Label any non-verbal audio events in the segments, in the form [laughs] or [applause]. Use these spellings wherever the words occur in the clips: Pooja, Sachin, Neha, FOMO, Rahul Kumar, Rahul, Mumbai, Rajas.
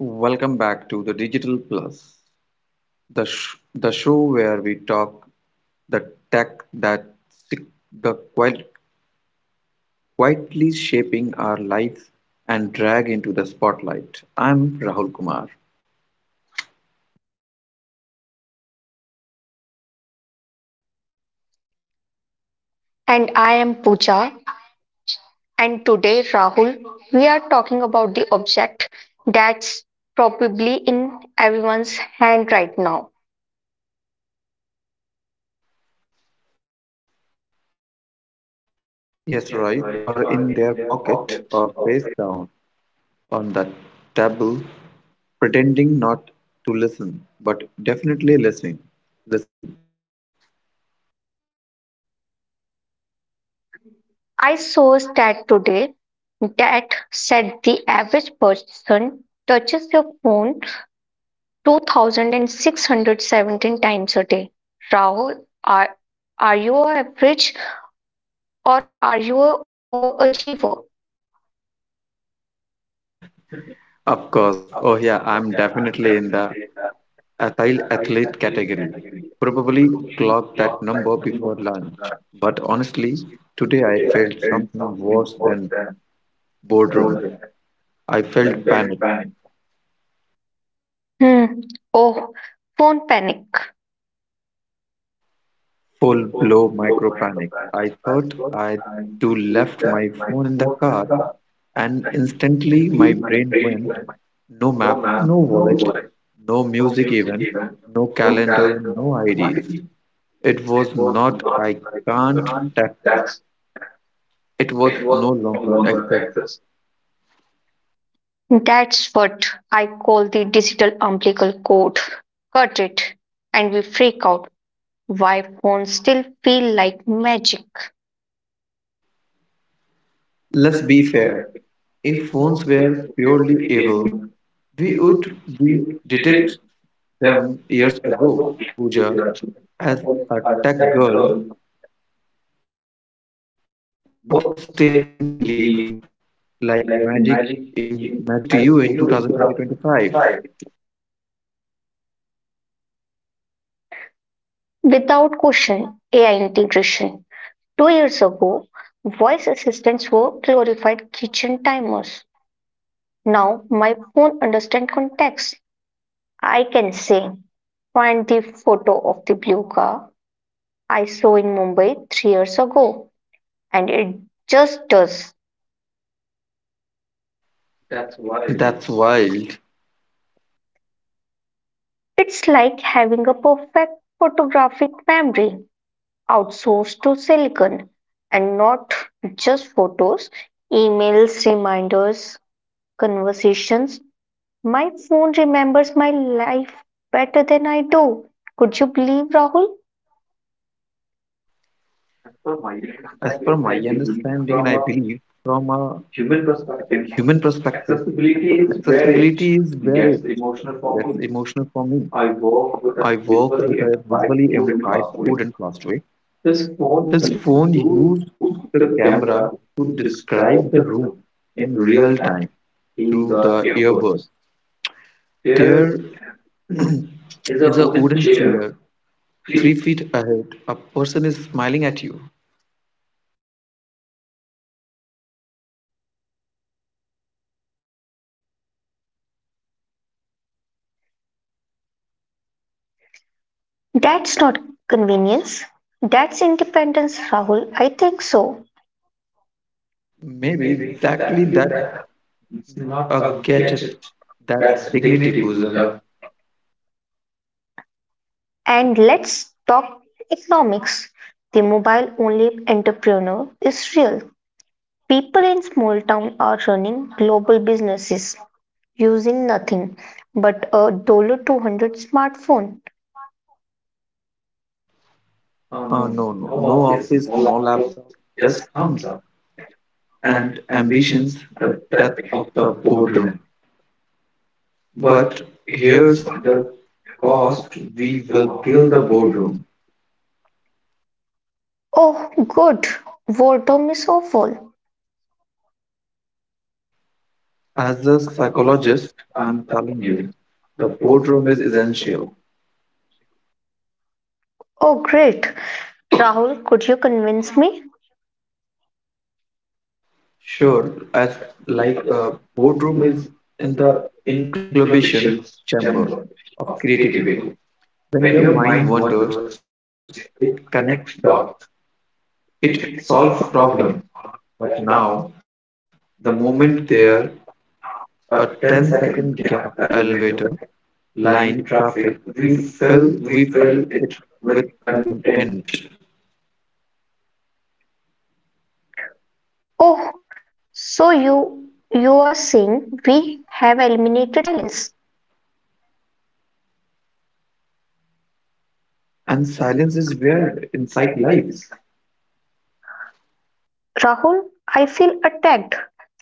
Welcome back to the Digital Plus, the show where we talk the tech that si- the quiet- quietly shaping our lives and drag into the spotlight. I'm Rahul Kumar. And I am Pooja. And today, Rahul, we are talking about the object that's probably in everyone's hand right now. Yes, right, or in their pocket or face down on that table, pretending not to listen, but definitely listening. Listening. I saw a stat today that said the average person touches their phone 2,617 times a day. Rahul, are, are you a average or are you a overachiever? [laughs] Of course. Oh yeah, I'm definitely in the Ethyl athlete category. Probably clocked that number before lunch. But honestly, today I felt something worse than boredom. I felt panic, Hmm. Oh, phone panic. full blow micro panic. I thought I too left my phone in the car, and instantly my brain went no map, no wallet, no music even, no calendar, no IDs. It was not I can't text. It was no longer exercise. That's what I call the digital umbilical cord. Cut it, and we freak out why phones still feel like magic. Let's be fair. If phones were purely evil, we would be detect them years ago. Pooja, as a tech girl, would still believe like magic in magic to you in 2025? Without question, AI integration. 2 years ago, voice assistants were glorified kitchen timers. Now my phone understands context. I can say, find the photo of the blue car I saw in Mumbai 3 years ago, and it just does. That's wild. It's like having a perfect photographic memory outsourced to silicon and not just photos, emails, reminders, conversations. My phone remembers my life better than I do. Could you believe, Rahul? As per my understanding, and I believe from a human perspective, accessibility is where it gets emotional for me. I work with a visually impaired student last week. His phone used the camera to describe the room in real time through the earbud. There [clears throat] is a wooden chair three feet ahead. A person is smiling at you. That's not convenience. That's independence, Rahul. I think so. Maybe exactly that's not a gadget. That's dignity, Pooja. And let's talk economics. The mobile only entrepreneur is real. People in small town are running global businesses using nothing but a dollar 200 smartphone. No, no, no office, no laptop, just thumbs up and ambitions, the death of the boardroom. But here's the cost we will kill the boardroom. Oh, good. Boredom is awful. As a psychologist, I'm telling you, the boardroom is essential. Oh, great. Rahul, could you convince me? Sure, as like uh, boardroom is in the incubation chamber of creativity. When your mind wanders, it connects dots, it solves problems. But now, the moment there a ten-second gap, elevator, line, traffic, we we fill it with content. Oh, so you are saying we have eliminated silence. And silence is where insight lies. Rahul, I feel attacked.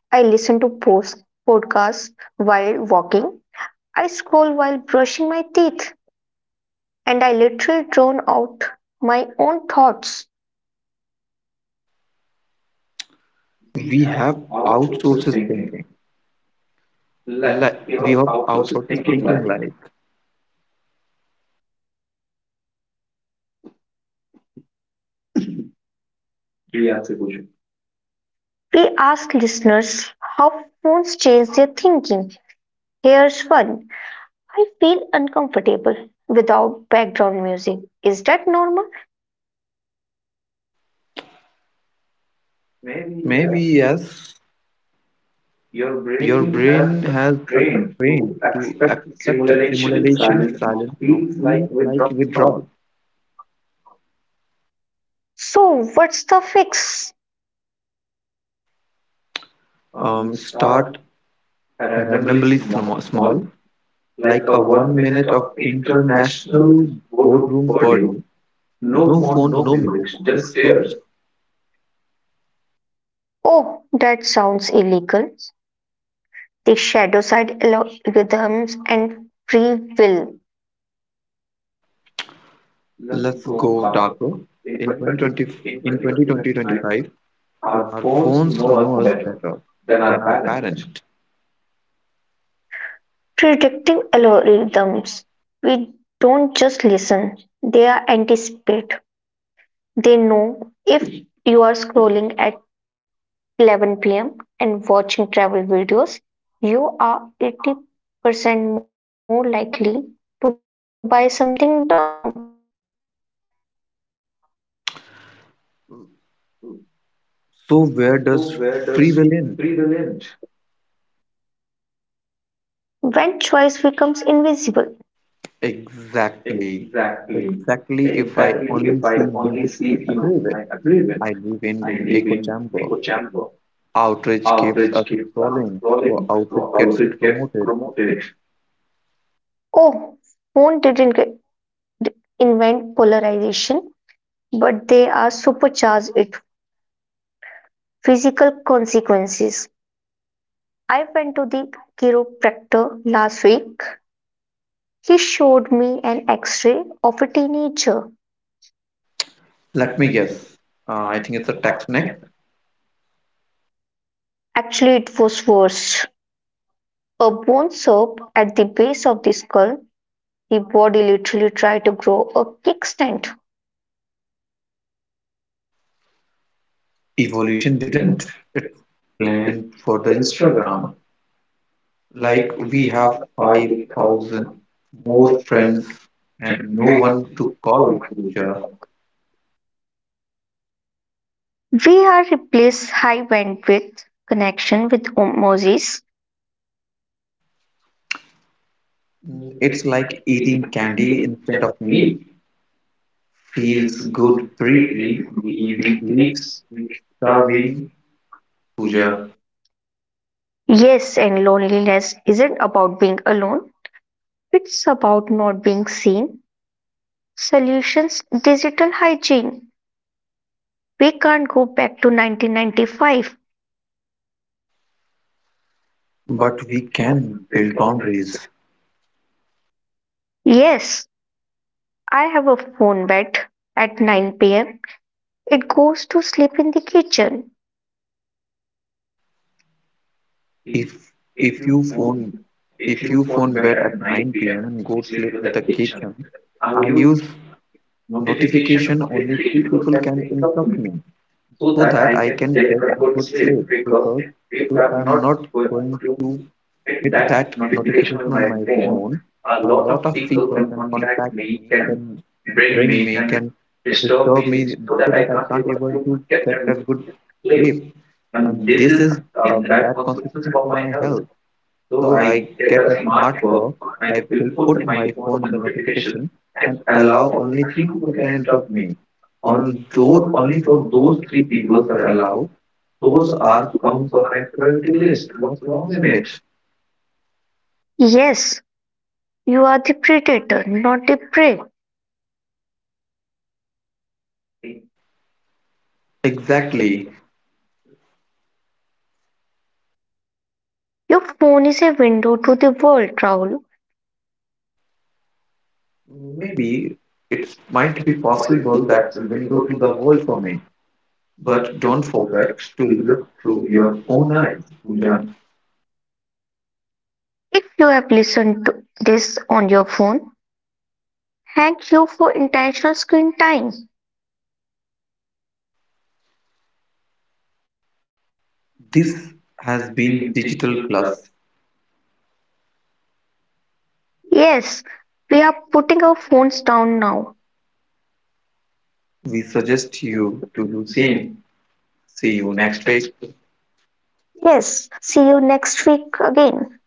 I listen to post podcasts while walking. I scroll while brushing my teeth, and I literally drawn out my own thoughts. We have outsources thinking like we have outsources thinking like We ask listeners how phones change their thinking. Here's one. I feel uncomfortable without background music. Is that normal? maybe yes, your brain has a train to accept simulation, silence now feel like withdrawal. So, what's the fix? Start randomly small, like a one minute of international boardroom per day, no phone, no music, just stairs. Oh, that sounds illegal. The shadow side algorithms and free will. Let's go darker. In 2020 in 2020, our phones know us better than our parent. Predictive algorithms. We don't just listen, they are anticipate. They know if you are scrolling at 11 p.m. and watching travel videos, you are 80% more likely to buy something dumb. So where does free will end? When choice becomes invisible, Exactly. Exactly. If I only see news I agree with, I live in echo chamber. Outrage keeps us scrolling, so outrage gets promoted. oh, phone didn't get- invent polarization, but they are supercharged it. Physical consequences. I went to the chiropractor last week. He showed me an x ray of a teenager. Let me guess. I think it's a tax neck. Actually, it was worse. A bone soap at the base of the skull, the body literally try to grow a kickstand. Evolution didn't plan for the Instagram. Like we have 5,000 more friends and no one to call. Sure. We are replace high bandwidth connection with osmosis. Mm, it's like eating candy instead of me. Feels good briefly, leaves you starving, Pooja. Yes, and loneliness isn't about being alone. It's about not being seen. Solutions digital hygiene. We can't go back to 1995. But we can build boundaries. Yes, I have a phone bet at 9 pm. It goes to sleep in the kitchen. If if you phone if you phone bed at 9 p.m. and go sleep with the kitchen, I use notification only 3 people can interrupt me so that I can take a good sleep, because if I'm not going to with that notification on my phone, a lot of people can contact me, can bring me, can disturb me so that I can't able to get a good sleep. And this is a bad consequence for my health. So I get a smartphone, I will put my phone the notification and allow only 3 people can interrupt me. On those only for those 3 people are allowed, those are come from my priority list. What's wrong in it? Yes, you are the predator, not the prey. Exactly. Your phone is a window to the world, Rahul. Maybe it might be possible that window to the world for me. But don't forget to look through your own eyes, Pooja. If you have listened to this on your phone, thank you for intentional screen time. This has been Digital Plus. Yes, we are putting our phones down now. We suggest you to do same. See you next week. Yes, see you next week again.